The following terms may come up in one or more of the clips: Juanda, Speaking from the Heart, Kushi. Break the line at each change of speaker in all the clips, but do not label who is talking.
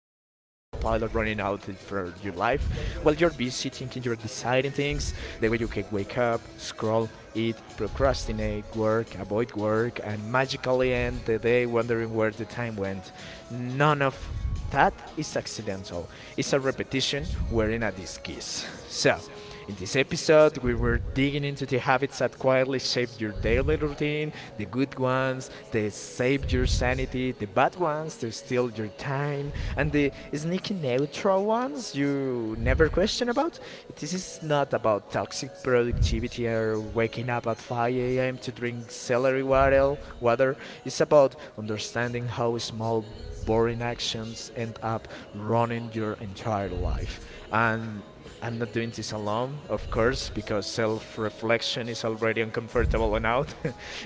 running out for your life. While you're busy thinking, you're deciding things, the way you can wake up, scroll, eat, procrastinate, work, avoid work, and magically end the day wondering where the time went. None of that is accidental. It's a repetition wearing a disguise. So, in this episode, we were digging into the habits that quietly shape your daily routine, the good ones, they save your sanity, the bad ones they steal your time, and the sneaky neutral ones you never question about. This is not about toxic productivity or waking up at 5 a.m. to drink celery water. It's about understanding how small boring actions end up running your entire life. And I'm not doing this alone, of course, because self reflection is already uncomfortable enough.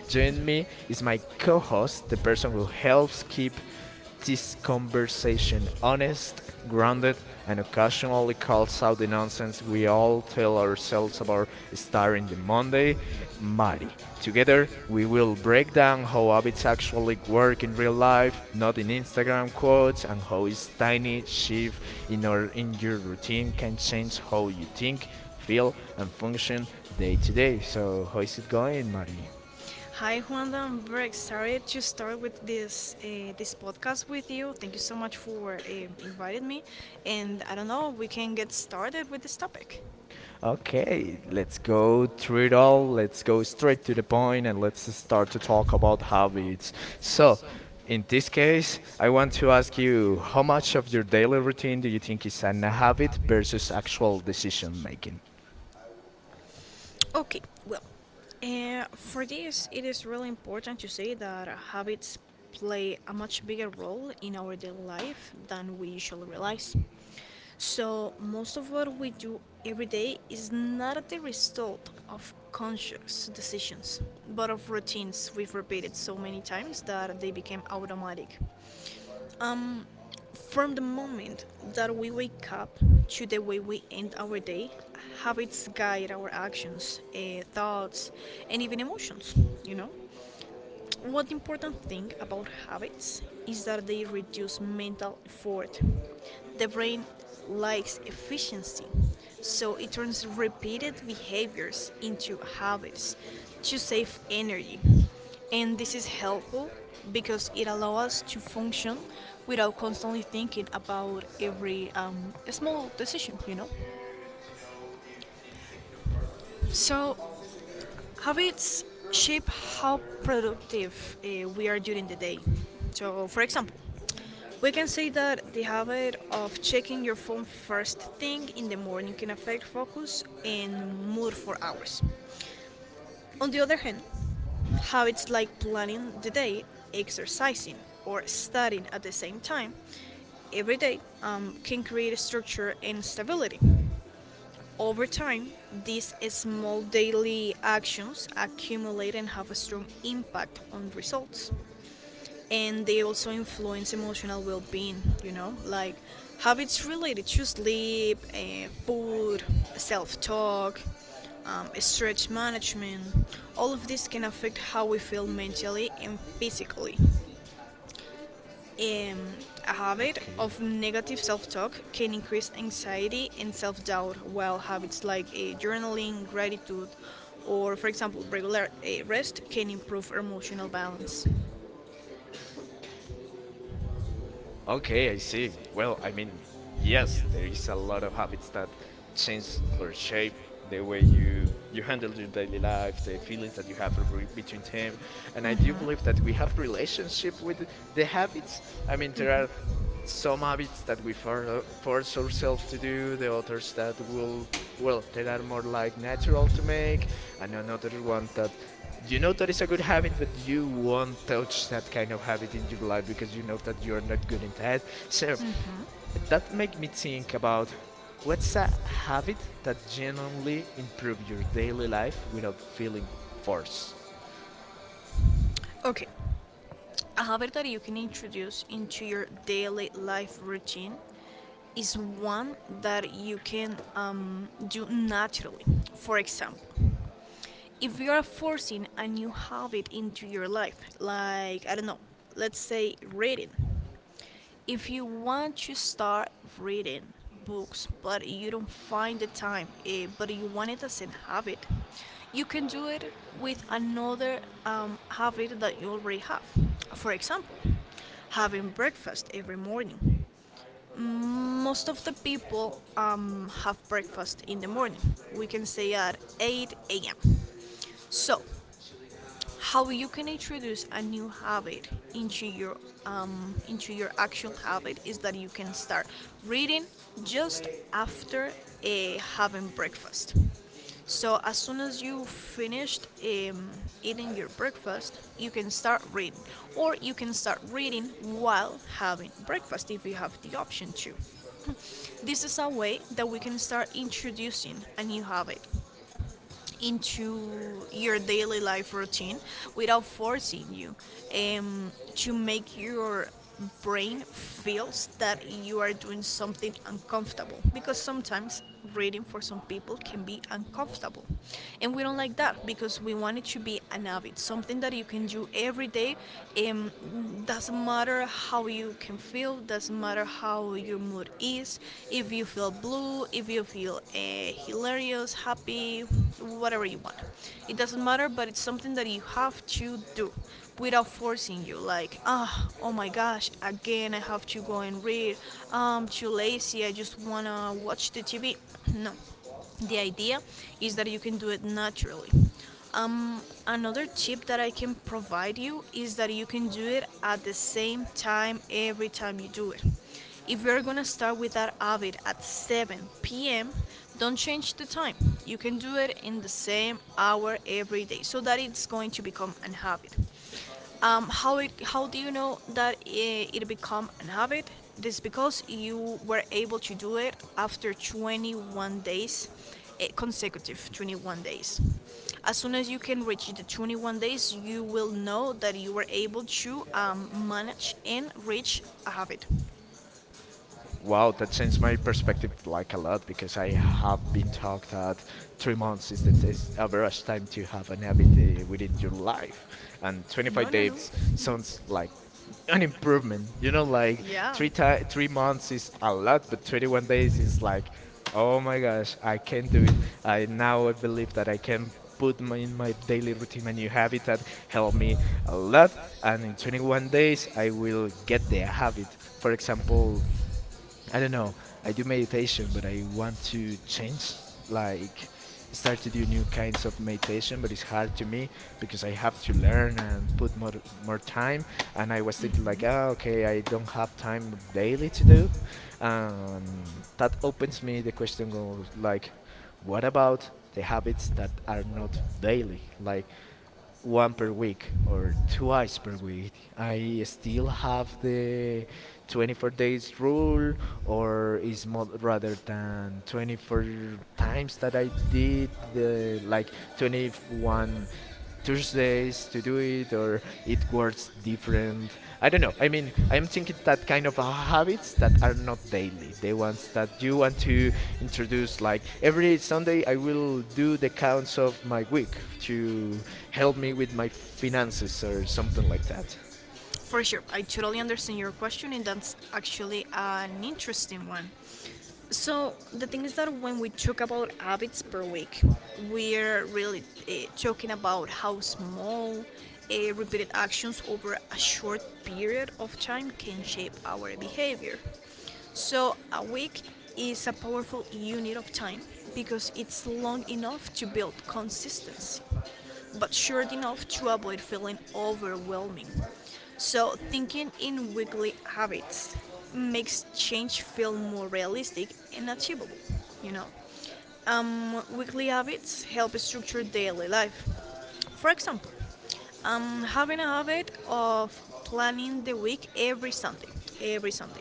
Joining me is my co host, the person who helps keep this conversation honest, grounded, and occasionally calls out the nonsense we all tell ourselves about starting the Monday, Mari. Together, we will break down how habits actually work in real life, not in Instagram quotes, and how a tiny shift in your routine can change how you think, feel, and function day to day. So, how is it going, Mari?
Hi, Juanda. I'm very excited to start with this podcast with you. Thank you so much for inviting me. And I don't know, we can get started with this topic.
Okay, let's go through it all. Let's go straight to the point and let's start to talk about habits. So, in this case, I want to ask you how much of your daily routine do you think is an habit versus actual decision making?
Okay, well, for this, it is really important to say that habits play a much bigger role in our daily life than we usually realize. So, most of what we do every day is not the result of conscious decisions, but of routines we've repeated so many times that they became automatic. Um, from the moment that we wake up to the way we end our day, habits guide our actions, thoughts, and even emotions, you know? One important thing about habits is that they reduce mental effort. The brain likes efficiency, so it turns repeated behaviors into habits to save energy. And this is helpful because it allows us to function without constantly thinking about every small decision, you know? So, habits shape how productive we are during the day. So, for example, we can say that the habit of checking your phone first thing in the morning can affect focus and mood for hours. On the other hand, habits like planning the day, exercising, or studying at the same time every day can create structure and stability. Over time, these small daily actions accumulate and have a strong impact on results. And they also influence emotional well being, you know, like habits related to sleep, food, self talk, stretch management. All of this can affect how we feel mentally and physically. Um, a habit
Okay.
of negative self talk can increase anxiety and self doubt, while habits like journaling, gratitude, or, for example, regular rest can improve emotional balance.
Okay, I see. Well, I mean, yes, there is a lot of habits that change or shape the way you handle your daily life, the feelings that you have between them, and I do believe that we
Mhm.
have relationship with the habits. I mean, there are some habits that we force ourselves to do, the others that will, well, there are more like natural to make, and another one that you know that is a good habit, but you won't touch that kind of habit in your life because you know that you're not good in that. So
Like.
that make me think about what's a habit that genuinely improve your daily life without feeling forced.
Okay, a habit that you can introduce into your daily life routine is one that you can do naturally. For example, if you are forcing a new habit into your life, like, I don't know, let's say reading. If you want to start reading books, but you don't find the time, but you want it as a habit, you can do it with another habit that you already have. For example, having breakfast every morning. Most of the people have breakfast in the morning. We can say at 8 a.m. So, how you can introduce a new habit into your into your actual habit is that you can start reading just after having breakfast, so as soon as you finished eating your breakfast, you can start reading, or you can start reading while having breakfast if you have the option to. This is a way that we can start introducing a new habit into your daily life routine without forcing you um, to make your brain feels that you are doing something uncomfortable, because sometimes reading for some people can be uncomfortable, and we don't like that because we want it to be an habit, something that you can do every day, um, doesn't matter how you can feel, doesn't matter how your mood is, if you feel blue, if you feel hilarious, happy, whatever you want. It doesn't matter, but it's something that you have to do without forcing you. Like, ah, oh oh my gosh, again I have to go and read. I'm too lazy. I just wanna watch the TV. No, the idea is that you can do it naturally. Um, Another tip that I can provide you is that you can do it at the same time every time you do it. If you're gonna start with that habit at 7 p.m., don't change the time. You can do it in the same hour every day so that it's going to become an habit. How do you know that it become an habit? This because you were able to do it after 21 days, consecutive 21 days. As soon as you can reach the 21 days, you will know that you were able to manage and reach a habit.
Wow, that changed my perspective like a lot because I have been taught that 3 months is the is average time to have an every day within your life, and
No,
25
no, no.
days sounds like an improvement. You know, like
Yeah.
3 months is a lot, but 21 days is like, oh my gosh, I can do it. I now I believe that I can put in my daily routine a new habit that helped me a lot, and in 21 days I will get the habit. For example, I don't know. I do meditation, but I want to change, like, start to do new kinds of meditation. But it's hard to me because I have to learn and put more time. And I was thinking like, ah, okay, I don't have time daily to do, and that opens me the question of like, what
Mhm.
about the habits that are not daily, like one per week or twice per week. I still have the 24 days rule, or is more rather than 24 times that I did the, like, 21 Thursdays to do it, or it works different. I don't know. I mean, I'm thinking that kind of habits that are not daily, the ones that you want to introduce. Like every Sunday, I will do the counts of my week to help me with my finances or something like that.
For sure, I totally understand your question, and that's actually an interesting one. So the thing is that when we talk about habits per week, we're really talking about how small repeated actions over a short period of time can shape our behavior. So a week is a powerful unit of time because it's long enough to build consistency but sure enough to avoid feeling overwhelming. So, thinking in weekly habits makes change feel more realistic and achievable, you know. Weekly habits help structure daily life. For example, I'm having a habit of planning the week every Sunday, every Sunday.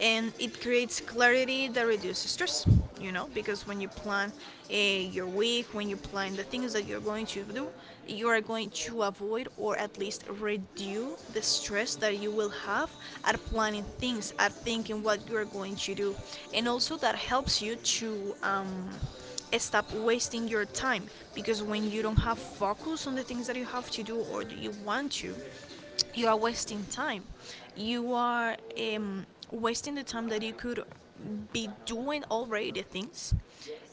And it creates clarity that reduces stress, you know, because when you plan your week, when you plan the things that you're going to do, you are going to avoid or at least reduce the stress that you will have at planning things, at thinking what you're going to do. And also that helps you to. Stop wasting your time, because when you don't have focus on the things that you have to do or that you want to, you are wasting time, you are wasting the time that you could be doing already the things,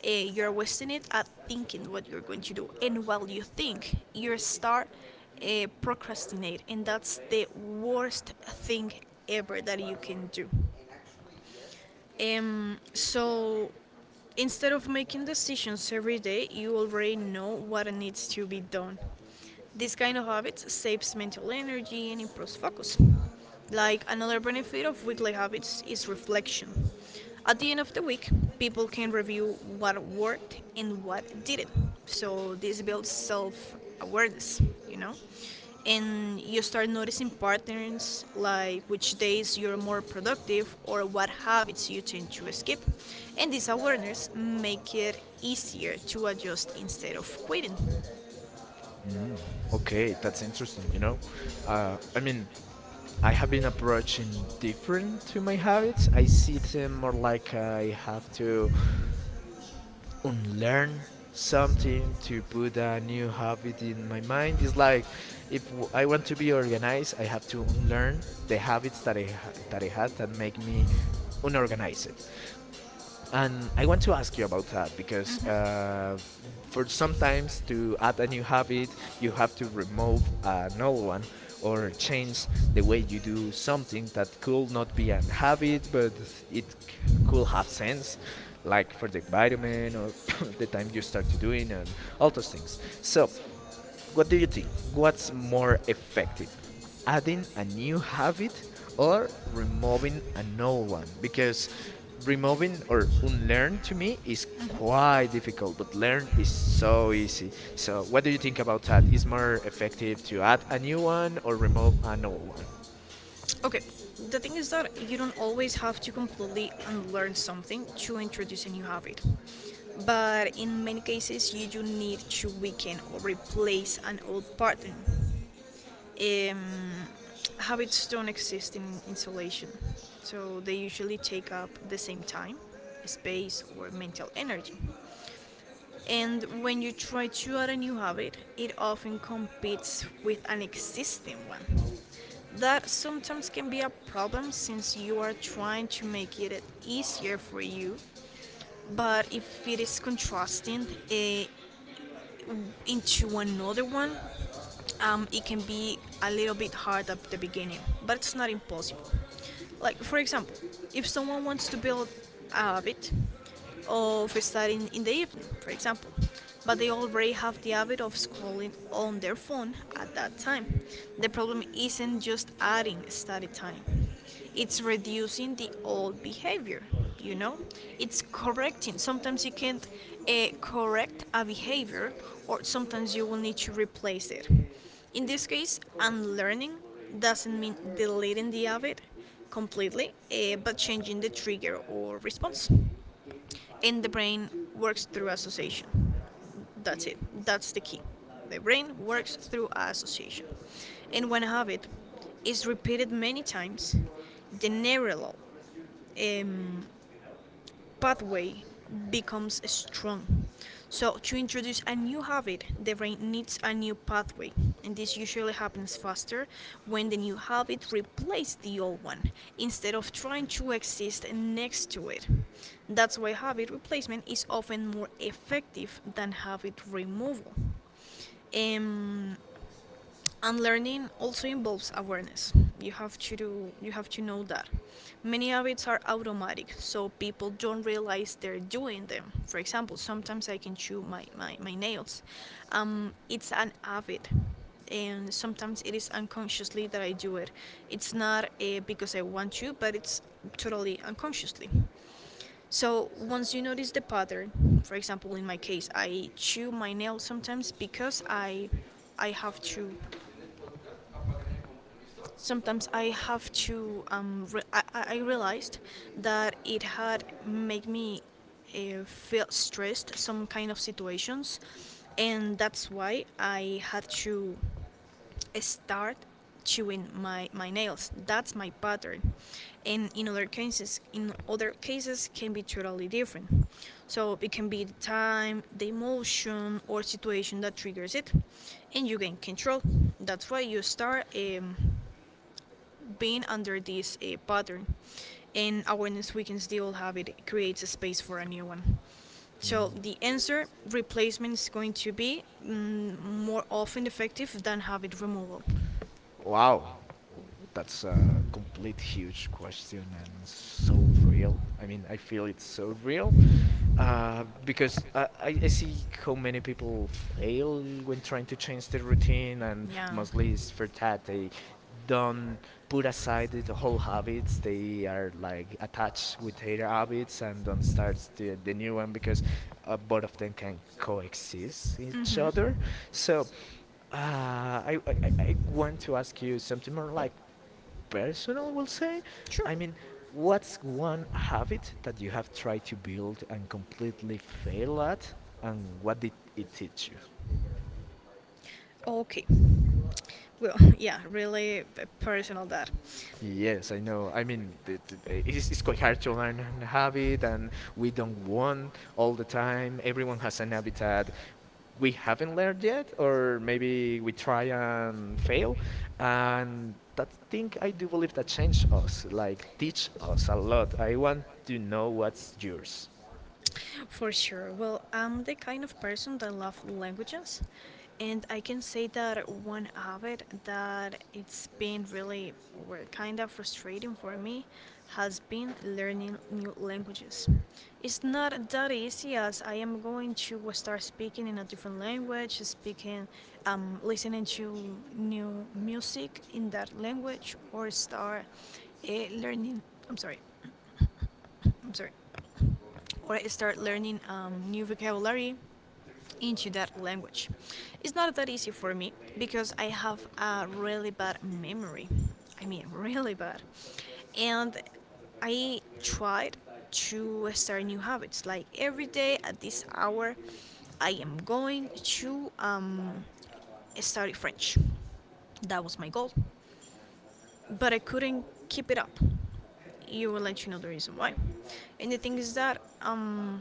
you're wasting it at thinking what you're going to do, and while you think you start procrastinate, and that's the worst thing ever that you can do, so instead of making decisions every day, you already know what needs to be done. This kind of habits saves mental energy and improves focus. Like another benefit of weekly habits is reflection. At the end of the week, people can review what worked and what didn't. So this builds self awareness, you know? And you start noticing patterns like which days you're more productive or what habits you tend to skip, and this awareness make it easier to adjust instead of quitting.
Mm. Okay, that's interesting. You know, I mean, I have been approaching different to my habits. I see them more like I have to unlearn something to put a new habit in my mind. It's like if I want to be organized, I have to unlearn the habits that that I had that make me unorganized. And I want to ask you about that because
Mm-hmm.
for sometimes to add a new habit, you have to remove an old one or change the way you do something that could not be an habit, but it c- could have sense, like for the vitamin or the time you start to doing and all those things. So what do you think? What's more effective? Adding a new habit or removing an old one? Because removing or unlearn to me is
Mm-hmm.
quite difficult, but learn is so easy. So, what do you think about that? Is more effective to add a new one or remove an old one?
Okay, the thing is that you don't always have to completely unlearn something to introduce a new habit, but in many cases you do need to weaken or replace an old pattern. um, Habits don't exist in isolation, so they usually take up the same time, space, or mental energy. And when you try to add a new habit, it often competes with an existing one. That sometimes can be a problem since you are trying to make it easier for you, but if it is contrasting into another one, it can be a little bit hard at the beginning, but it's not impossible. Like, for example, if someone wants to build a habit of studying in the evening, for example, but they already have the habit of scrolling on their phone at that time, the problem isn't just adding study time, it's reducing the old behavior, you know, it's correcting. Sometimes you can't correct a behavior, or sometimes you will need to replace it. In this case unlearning doesn't mean deleting the habit completely, but changing the trigger or response. And the brain works through association. That's it. That's the key. The brain works through association. And when a habit is repeated many times, the neural um, pathway becomes strong. So, to introduce a new habit, the brain needs a new pathway, and this usually happens faster when the new habit replaces the old one instead of trying to exist next to it. That's why habit replacement is often more effective than habit removal. um, and learning also involves awareness. You have to do, you have to know that many habits are automatic, so people don't realize they're doing them. For example, sometimes I can chew my nails. It's an habit, and sometimes it is unconsciously that I do it. It's not because I want to, but it's totally unconsciously. So once you notice the pattern, for example, in my case, I chew my nail sometimes because I have to. Sometimes I have to. I realized that it had made me feel stressed, some kind of situations, and that's why I had to start chewing my nails. That's my pattern. And in other cases, can be totally different. So it can be the time, the emotion, or situation that triggers it, and you gain control. That's why you start being under this pattern. And awareness weakens the old habit, creates a space for a new one. So
Mm.
the answer replacement is going to be more often effective than habit removal.
Wow, that's a complete huge question and so real. I mean, I feel it's so real because I see how many people fail when trying to change their routine, and
Yeah.
mostly it's for that they don't put aside the whole habits. They are like attached with their habits and don't start the new one because both of them can coexist each other. So, uh, I want to ask you something more like personal, we'll say.
Sure.
I mean, what's one habit that you have tried to build and completely fail at, and what did it teach you?
Okay. Well, yeah, really personal that.
Yes, I know. I mean, it's quite hard to learn a habit, and we don't want all the time. Everyone has an habit that we haven't learned yet, or maybe we try and fail. And that thing, I do believe that changed us, like teach us a lot. I want to know what's yours.
For sure. Well, I'm the kind of person that love languages, and I can say that one habit that it's been really well, kind of frustrating for me has been learning new languages. It's not that easy as I am going to start speaking in a different language, listening to new music in that language, or start learning. I'm sorry. I'm sorry or I start learning new vocabulary into that language. It's not that easy for me because I have a really bad memory. I mean, really bad. And I tried to start new habits. Like every day at this hour, I am going to study French. That was my goal. But I couldn't keep it up, you will let you know the reason why. And the thing is that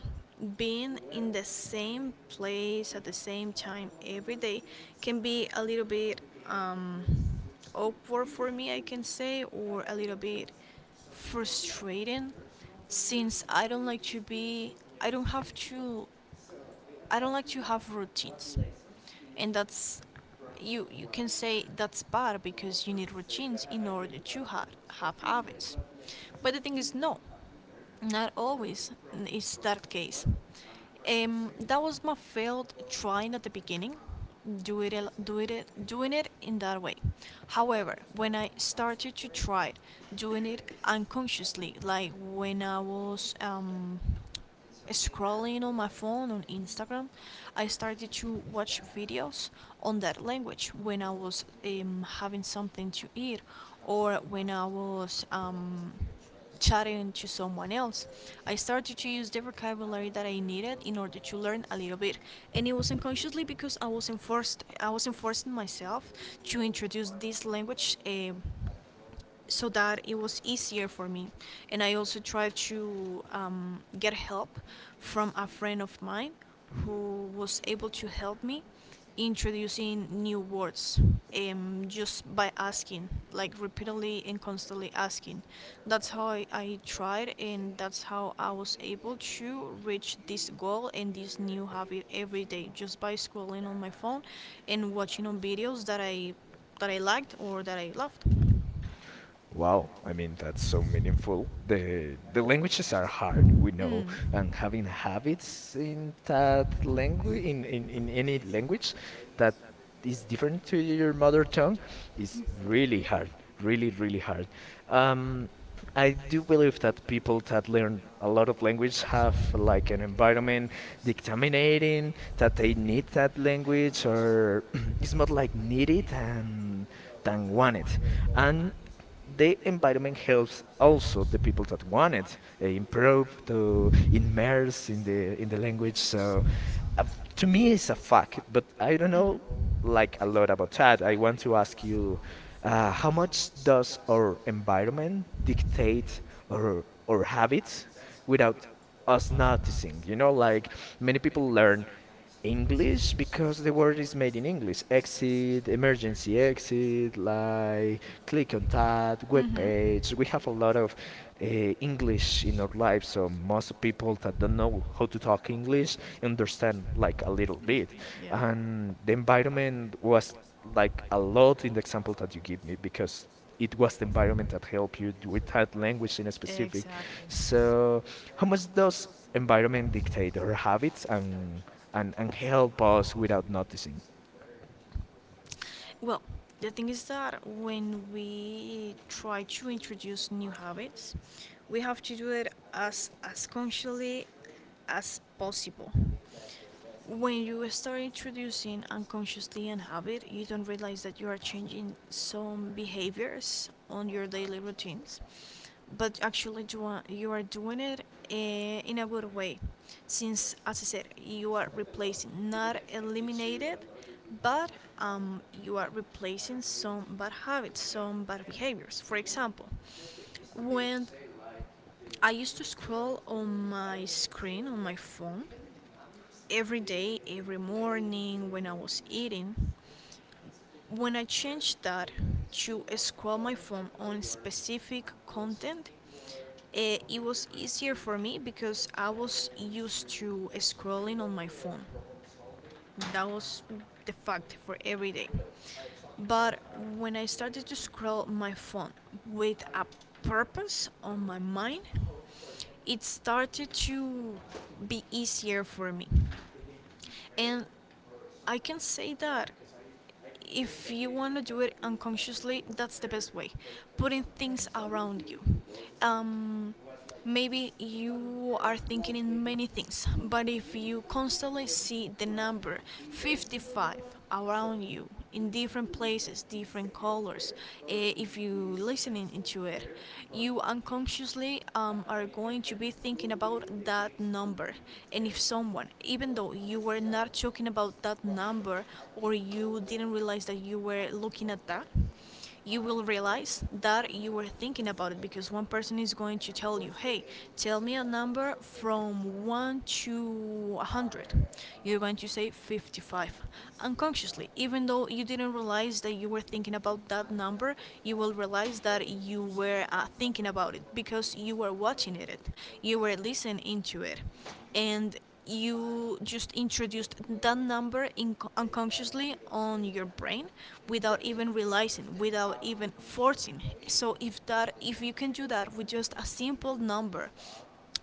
being in the same place at the same time every day can be a little bit um, awkward for me, I can say, or a little bit frustrating since I don't like to be, I don't have to, I don't like to have routines. And that's you can say that's bad because you need routines in order to have habits, but the thing is no, not always is that case. That was my failed trying at the beginning, do it, al- do it, doing it in that way. However, when I started to try doing it unconsciously, like when I was scrolling on my phone on Instagram, I started to watch videos on that language when I was having something to eat or when I was chatting to someone else. I started to use the vocabulary that I needed in order to learn a little bit, and it was unconsciously because I was enforced. I was enforcing myself to introduce this language. So that it was easier for me. And I also tried to get help from a friend of mine who was able to help me introducing new words, just by asking, like repeatedly and constantly asking. That's how I tried, and that's how I was able to reach this goal and this new habit every day just by scrolling on my phone and watching on videos that I liked or that I loved.
Wow, I mean that's so meaningful. The languages are hard, we know,
Mm.
and having habits in that language in any language that is different to your mother tongue is really hard. Really, really hard. Um, I do believe that people that learn a lot of language have like an environment dictaminating that they need that language, or it's more like needed than wanted. And the environment helps also the people that want it improve to immerse in the language. So, uh, to me it's a fact, but I don't know like a lot about that. I want to ask you, how much does our environment dictate our habits without us noticing, you know, like many people
English?
learn English because the word is made in English. Exit, emergency exit, like click on that web page. We have a lot of English in our lives, so most people that don't know how to talk English understand like a little bit.
Yeah.
And the environment was like a lot in the example that you give me because it was the environment that helped you with that language in a specific.
Exactly.
So, how much does environment dictate our habits and help us without noticing.
Well, the thing is that when we try to introduce new habits, we have to do it as consciously as possible. When you start introducing unconsciously an habit, you don't realize that you are changing some behaviors on your daily routines, but actually you are doing it in a good way, since as I said, you are replacing, not eliminated, but you are replacing some bad habits, some bad behaviors. For example, when I used to scroll on my screen on my phone every day, every morning when I was eating, when I change that to scroll my phone on specific content, it was easier for me because I was used to scrolling on my phone. That was the fact for every day. But when I started to scroll my phone with a purpose on my mind, it started to be easier for me. And I can say that if you want to do it unconsciously, that's the best way. Putting things around you. Um, Maybe you are thinking in many things, but if you constantly see the number 55 around you in different places, different colors, if you listening into it, you unconsciously are going to be thinking about that number. And if someone, even though you were not talking about that number or you didn't realize that you were looking at that, you will realize that you were thinking about it because one person is going to tell you, hey, tell me a number from 1 to 100. You're going to say 55. Unconsciously, even though you didn't realize that you were thinking about that number, you will realize that you were thinking about it because you were watching it, you were listening into it. And you just introduced that number unconsciously on your brain without even realizing, without even forcing. So if that, if you can do that with just a simple number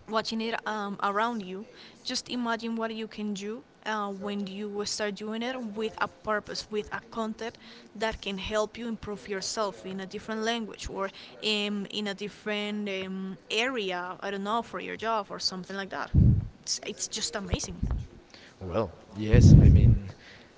watching it around you, just imagine what you can do when you start doing it with a purpose, with a content that can help you improve yourself in a different language or in a different area, I don't know, for your job or something like that. It's just amazing.
Well, yes, I mean,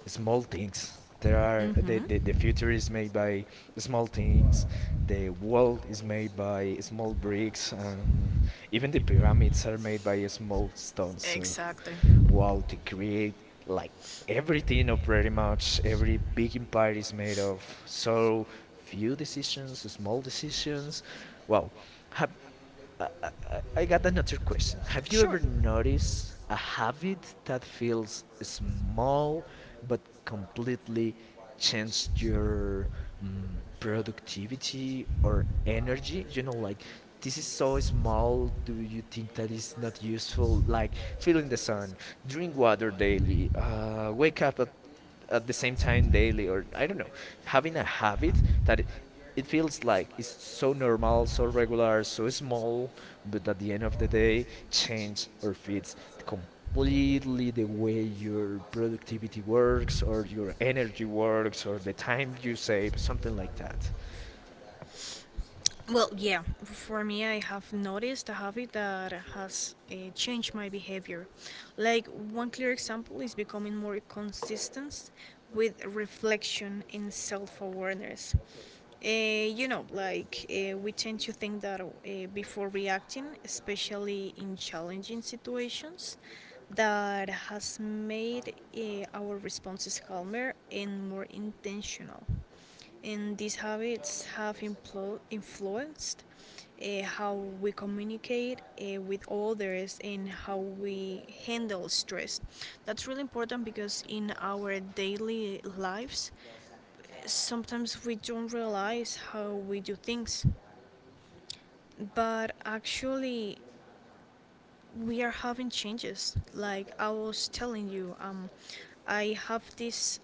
small things. There are
Mm-hmm.
the future is made by small things. The world is made by small bricks, and even the pyramids are made by small stones. So,
Exactly.
wow, to create like everything, or pretty much every big empire is made of so few decisions, small decisions. Wow, ha- I, I- I got another question. Have you
Sure.
ever noticed a habit that feels small but completely changed your productivity or energy? You know, like this is so small. Do you think that is not useful? Like feeling the sun, drink water daily, wake up at the same time daily, or I don't know, having a habit that it feels like it's so normal, so regular, so small, but at the end of the day, change or fits completely the way your productivity works or your energy works or the time you save, something like that.
Well, yeah, for me, I have noticed a habit that has changed my behavior. Like, one clear example is becoming more consistent with reflection and self awareness. You know, like we tend to think that before reacting, especially in challenging situations, that has made our responses calmer and more intentional. And these habits have influenced how we communicate with others and how we handle stress. That's really important because in our daily lives, sometimes we don't realize how we do things, but actually, we are having changes. Like I was telling you, I have this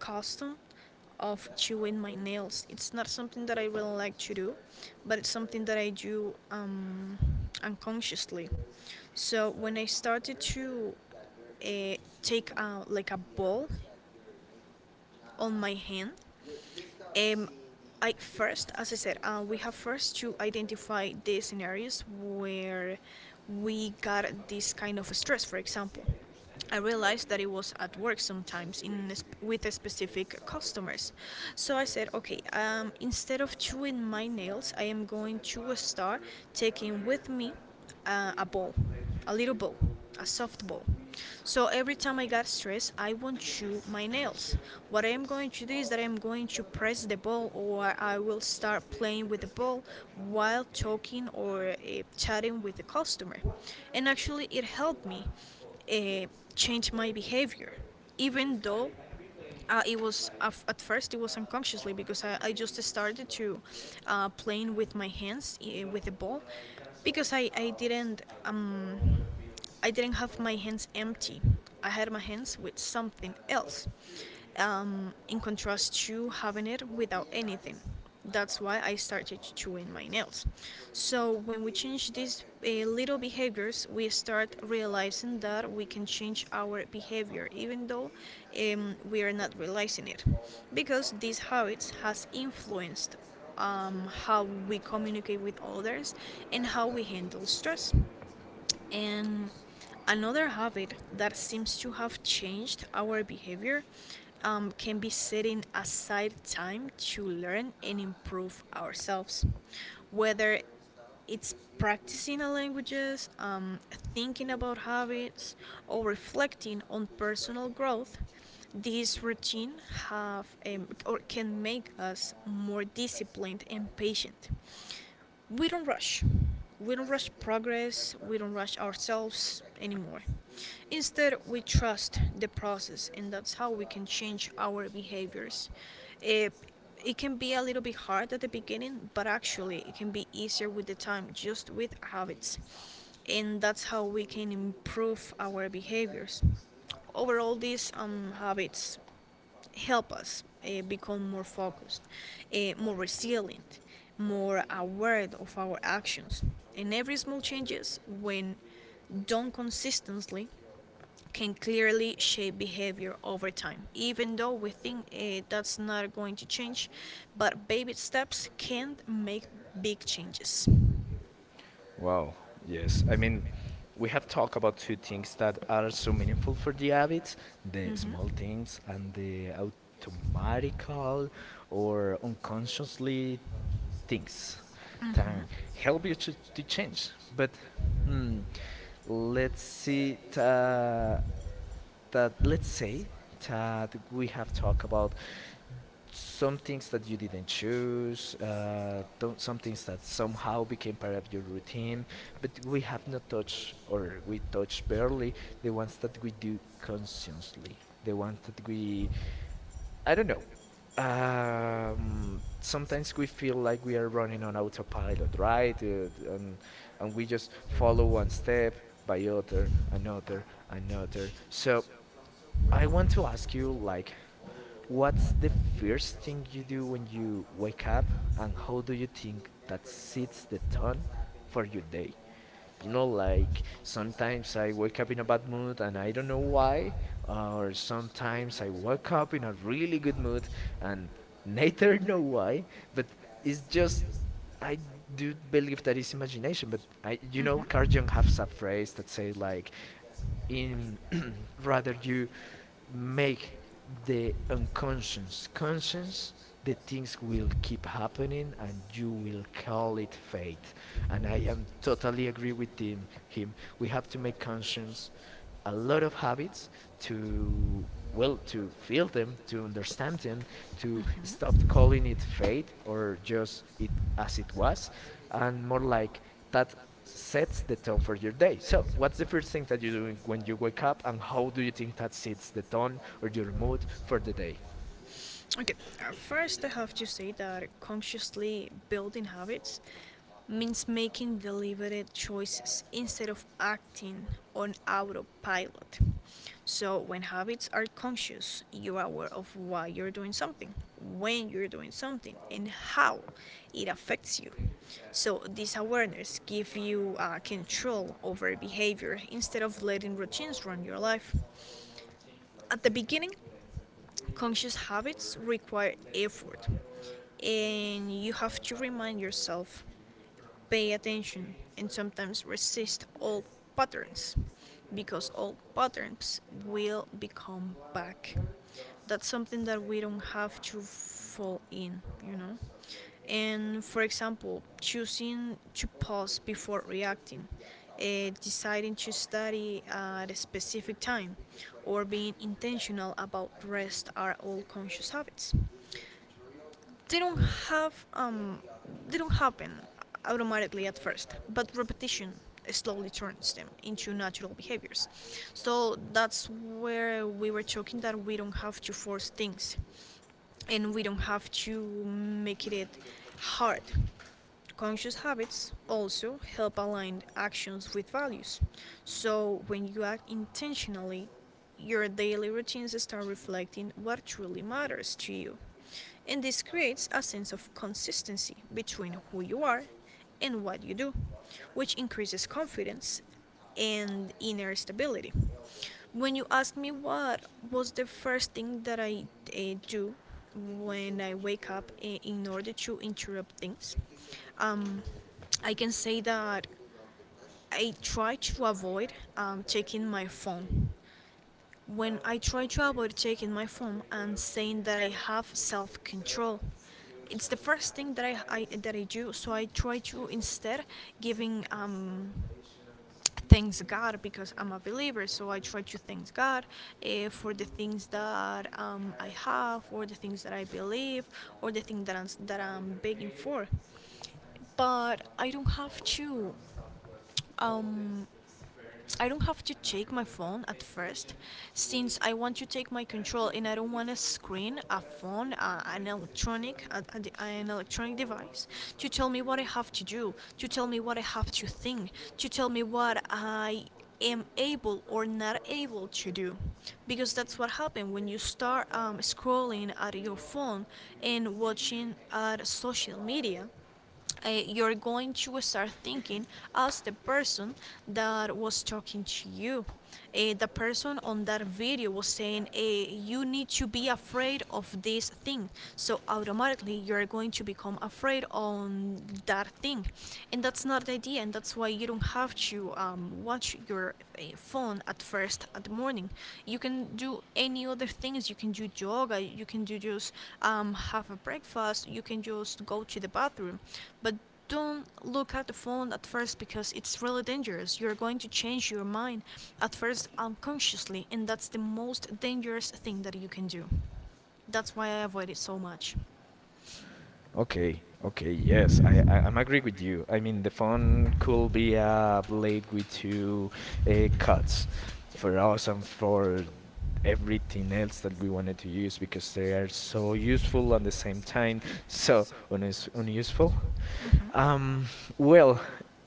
custom of chewing my nails. It's not something that I really like to do, but it's something that I do unconsciously. So when I started to uh, take like a ball on my hand. Um, I first, as I said, we have first to identify the scenarios where we got this kind of stress, for example. I realized that it was at work sometimes in a with a specific customers. So I said, okay, instead of chewing my nails, I am going to start taking with me a ball, a little ball, a soft ball. So every time I got stressed, I won't chew my nails. What I am going to do is that I am going to press the ball, or I will start playing with the ball while talking or chatting with the customer. And actually, it helped me uh, changed my behavior, even though at first it was unconsciously because I just started to playing with my hands with the ball because I didn't I didn't have my hands empty. I had my hands with something else. In contrast to having it without anything. That's why I started chewing my nails. So when we change these little behaviors, we start realizing that we can change our behavior even though we are not realizing it, because these habits has influenced how we communicate with others and how we handle stress. And another habit that seems to have changed our behavior can be setting aside time to learn and improve ourselves, whether it's practicing a languages, thinking about habits, or reflecting on personal growth. These routine have or can make us more disciplined and patient, we don't rush. We don't rush progress, we don't rush ourselves anymore. Instead, we trust the process, and that's how we can change our behaviors. It, it can be a little bit hard at the beginning, but actually, it can be easier with the time, just with habits. And that's how we can improve our behaviors. Overall these habits help us become more focused, more resilient, more aware of our actions. And every small changes, when done consistently, can clearly shape behavior over time. Even though we think that's not going to change, but baby steps can make big changes.
Wow. Yes. I mean, we have talked about two things that are so meaningful for the habits, the
Mhm.
small things and the automatical or unconsciously things that help you to change. But hmm, let's see, that let's say that we have talked about some things that you didn't choose, some things that somehow became part of your routine, but we have not touched or we touched barely the ones that we do consciously, the ones that we, I don't know. Sometimes we feel like we are running on autopilot, right? And and we just follow one step by other, another, another. So I want to ask you, like, what's the first thing you do when you wake up, and how do you think that sets the tone for your day? You know, like sometimes I wake up in a bad mood and I don't know why, or sometimes I wake up in a really good mood and neither know why, but it's just I do believe that it's imagination. But I, Carl Jung has a phrase that say like, in rather you make the unconscious conscious, the things will keep happening and you will call it fate. And I am totally agree with him. We have to make conscious a lot of habits to, well, to feel them, to understand them,
Mm-hmm.
to
Mm-hmm.
stop
Mm-hmm.
calling it fate or just it as it was, and more like that sets the tone for your day. So, what's the first thing that you do when you wake up, and how do you think that sets the tone or your mood for the day?
Okay, first I have to say that consciously building habits means making deliberate choices instead of acting on autopilot. So, when habits are conscious, you are aware of why you're doing something, when you're doing something, and how it affects you. So, this awareness gives you control over behavior instead of letting routines run your life. At the beginning, conscious habits require effort, and you have to remind yourself pay attention and sometimes resist old patterns, because old patterns will become back. That's something that we don't have to fall in, you know. And for example, choosing to pause before reacting, deciding to study at a specific time, or being intentional about rest are all conscious habits. They don't have they don't happen automatically at first, but repetition slowly turns them into natural behaviors. So that's where we were talking that we don't have to force things and we don't have to make it hard. Conscious habits also help align actions with values. So, when you act intentionally, your daily routines start reflecting what truly matters to you. And this creates a sense of consistency between who you are in what you do, which increases confidence and inner stability. When you ask me what was the first thing that I do when I wake up, in order to interrupt things, um, I can say that I try to avoid taking my phone. When I try to avoid checking my phone and saying that I have self control, it's the first thing that I do. So I try to instead giving thanks God, because I'm a believer. So I try to thank God, for the things that I have, or the things that I believe, or the thing that I'm begging for. But I don't have to um, I don't have to take my phone at first, since I want to take my control and I don't want a screen, a phone, a, an electronic, a, an electronic device to tell me what I have to do, to tell me what I have to think, to tell me what I am able or not able to do, because that's what happens when you start scrolling at your phone and watching at social media. You're going to start thinking as the person that was talking to you. The person on that video was saying, "You need to be afraid of this thing." So automatically, you're going to become afraid on that thing. And that's not the idea, and that's why you don't have to watch your a phone at first at the morning. You can do any other things, you can do yoga, you can do just have a breakfast, you can just go to the bathroom, but don't look at the phone at first, because it's really dangerous. You're going to change your mind at first unconsciously, and that's the most dangerous thing that you can do. That's why I avoid it so much.
Okay, okay, yes, I'm agree with you. I mean, the phone could be a blade with two cuts for us and for everything else that we wanted to use, because they are so useful at the same time, so unuseful.
Mm-hmm.
Um, well,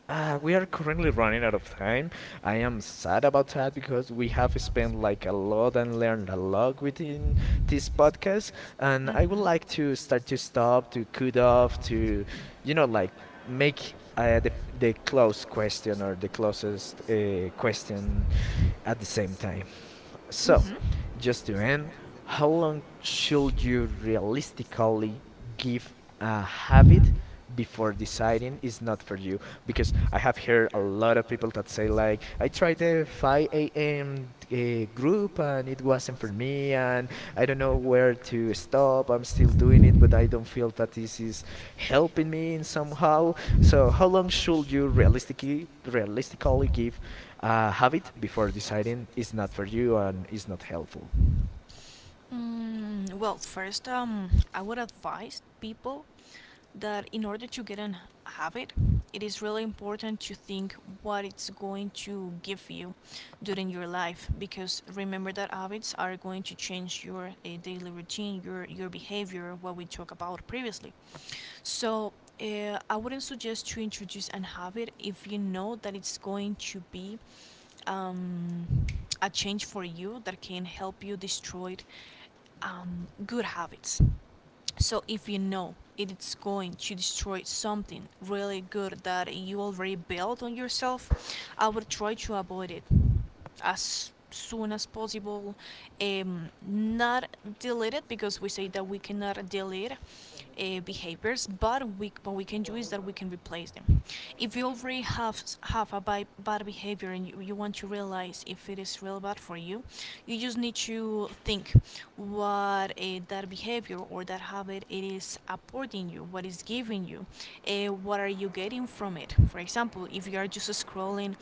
We are currently running out of time. I am sad about that because we have spent like a lot and learned a lot within this podcast. And
Hmm.
I would like
Mm.
to start to stop, to cut off, to, you know, like make the close
Hmm.
question or the closest question at the same time. So, just to end, how long should you realistically give a habit before deciding it's not for you? Because I have heard a lot of people that say like, I tried the 5 a.m. Group and it wasn't for me, and I don't know where to stop. I'm still doing it, but I don't feel that this is helping me in somehow. So, how long should you realistically give have it before deciding it's not for you and it's not helpful?
Mm, well, first, I would advise people that in order to get an habit, it is really important to think what it's going to give you during your life, because remember that habits are going to change your daily routine, your behavior, what we talked about previously. So I wouldn't suggest to introduce an habit if you know that it's going to be um, a change for you that can help you destroy good habits. So if you know it's going to destroy something really good that you already built on yourself, I would try to avoid it as soon as possible. Not delete it, because we say that we cannot delete behaviors, but we what we can do is that we can replace them. If you already have a bad behavior and you want to realize if it is real bad for you, you just need to think what that behavior or that habit it is supporting you, what is giving you, what are you getting from it. For example, if you are just scrolling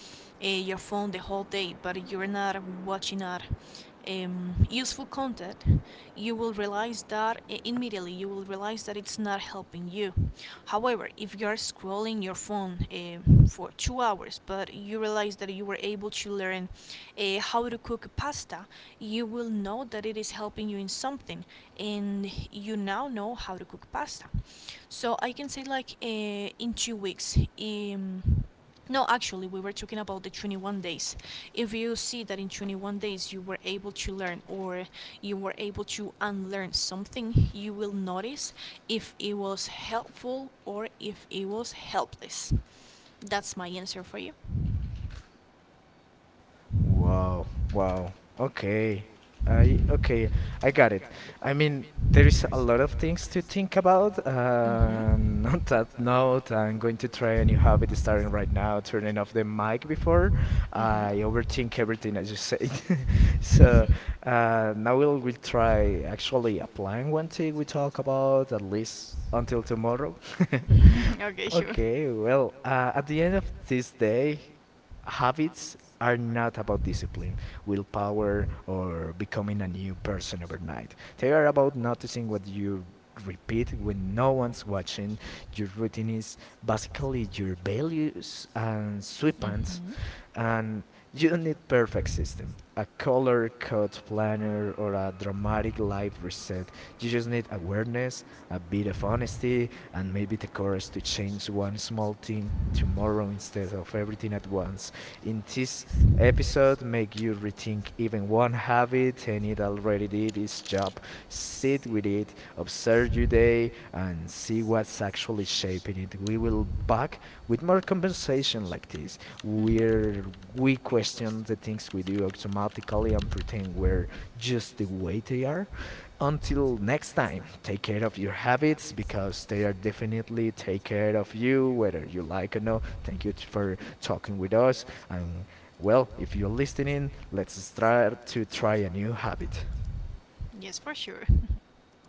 your phone the whole day, but you're not watching a useful content, you will realize that immediately, you will realize that it's not helping you. However, if you are scrolling your phone for 2 hours, but you realize that you were able to learn how to cook pasta, you will know that it is helping you in something, and you now know how to cook pasta. So I can say like in 2 weeks. No, actually, we were talking about the 21 days. If you see that in 21 days you were able to learn or you were able to unlearn something, you will notice if it was helpful or if it was helpless. That's my answer for you.
Wow,
Okay.
wow. Okay. I okay, I got it. I mean, there is a lot of things to think about. And
Mm-hmm.
on that note, I'm going to try a new habit starting right now, turning off the mic before
Mm-hmm.
I overthink everything I just said. So now we'll try actually applying one thing we talk about at least until tomorrow.
Okay, sure.
Okay, well, at the end of this day, habits are not about discipline, willpower, or becoming a new person overnight. They are about noticing what you repeat when no one's watching. Your routine is basically your values and sweepings,
Mm-hmm.
and you don't need perfect system. A color code planner or a dramatic life reset. You just need awareness, a bit of honesty, and maybe the courage to change one small thing tomorrow instead of everything at once. In this episode, make you rethink even one habit and it already did its job. Sit with it, observe your day, and see what's actually shaping it. We will back with more compensation like this. We're we question the things we do automatically and pretend we're just the way they are. Until next time, take care of your habits because they are definitely take care of you, whether you like or not. Thank you for talking with us. And well, if you're listening, let's start to try a new habit.
Mm-hmm. Yes, for sure.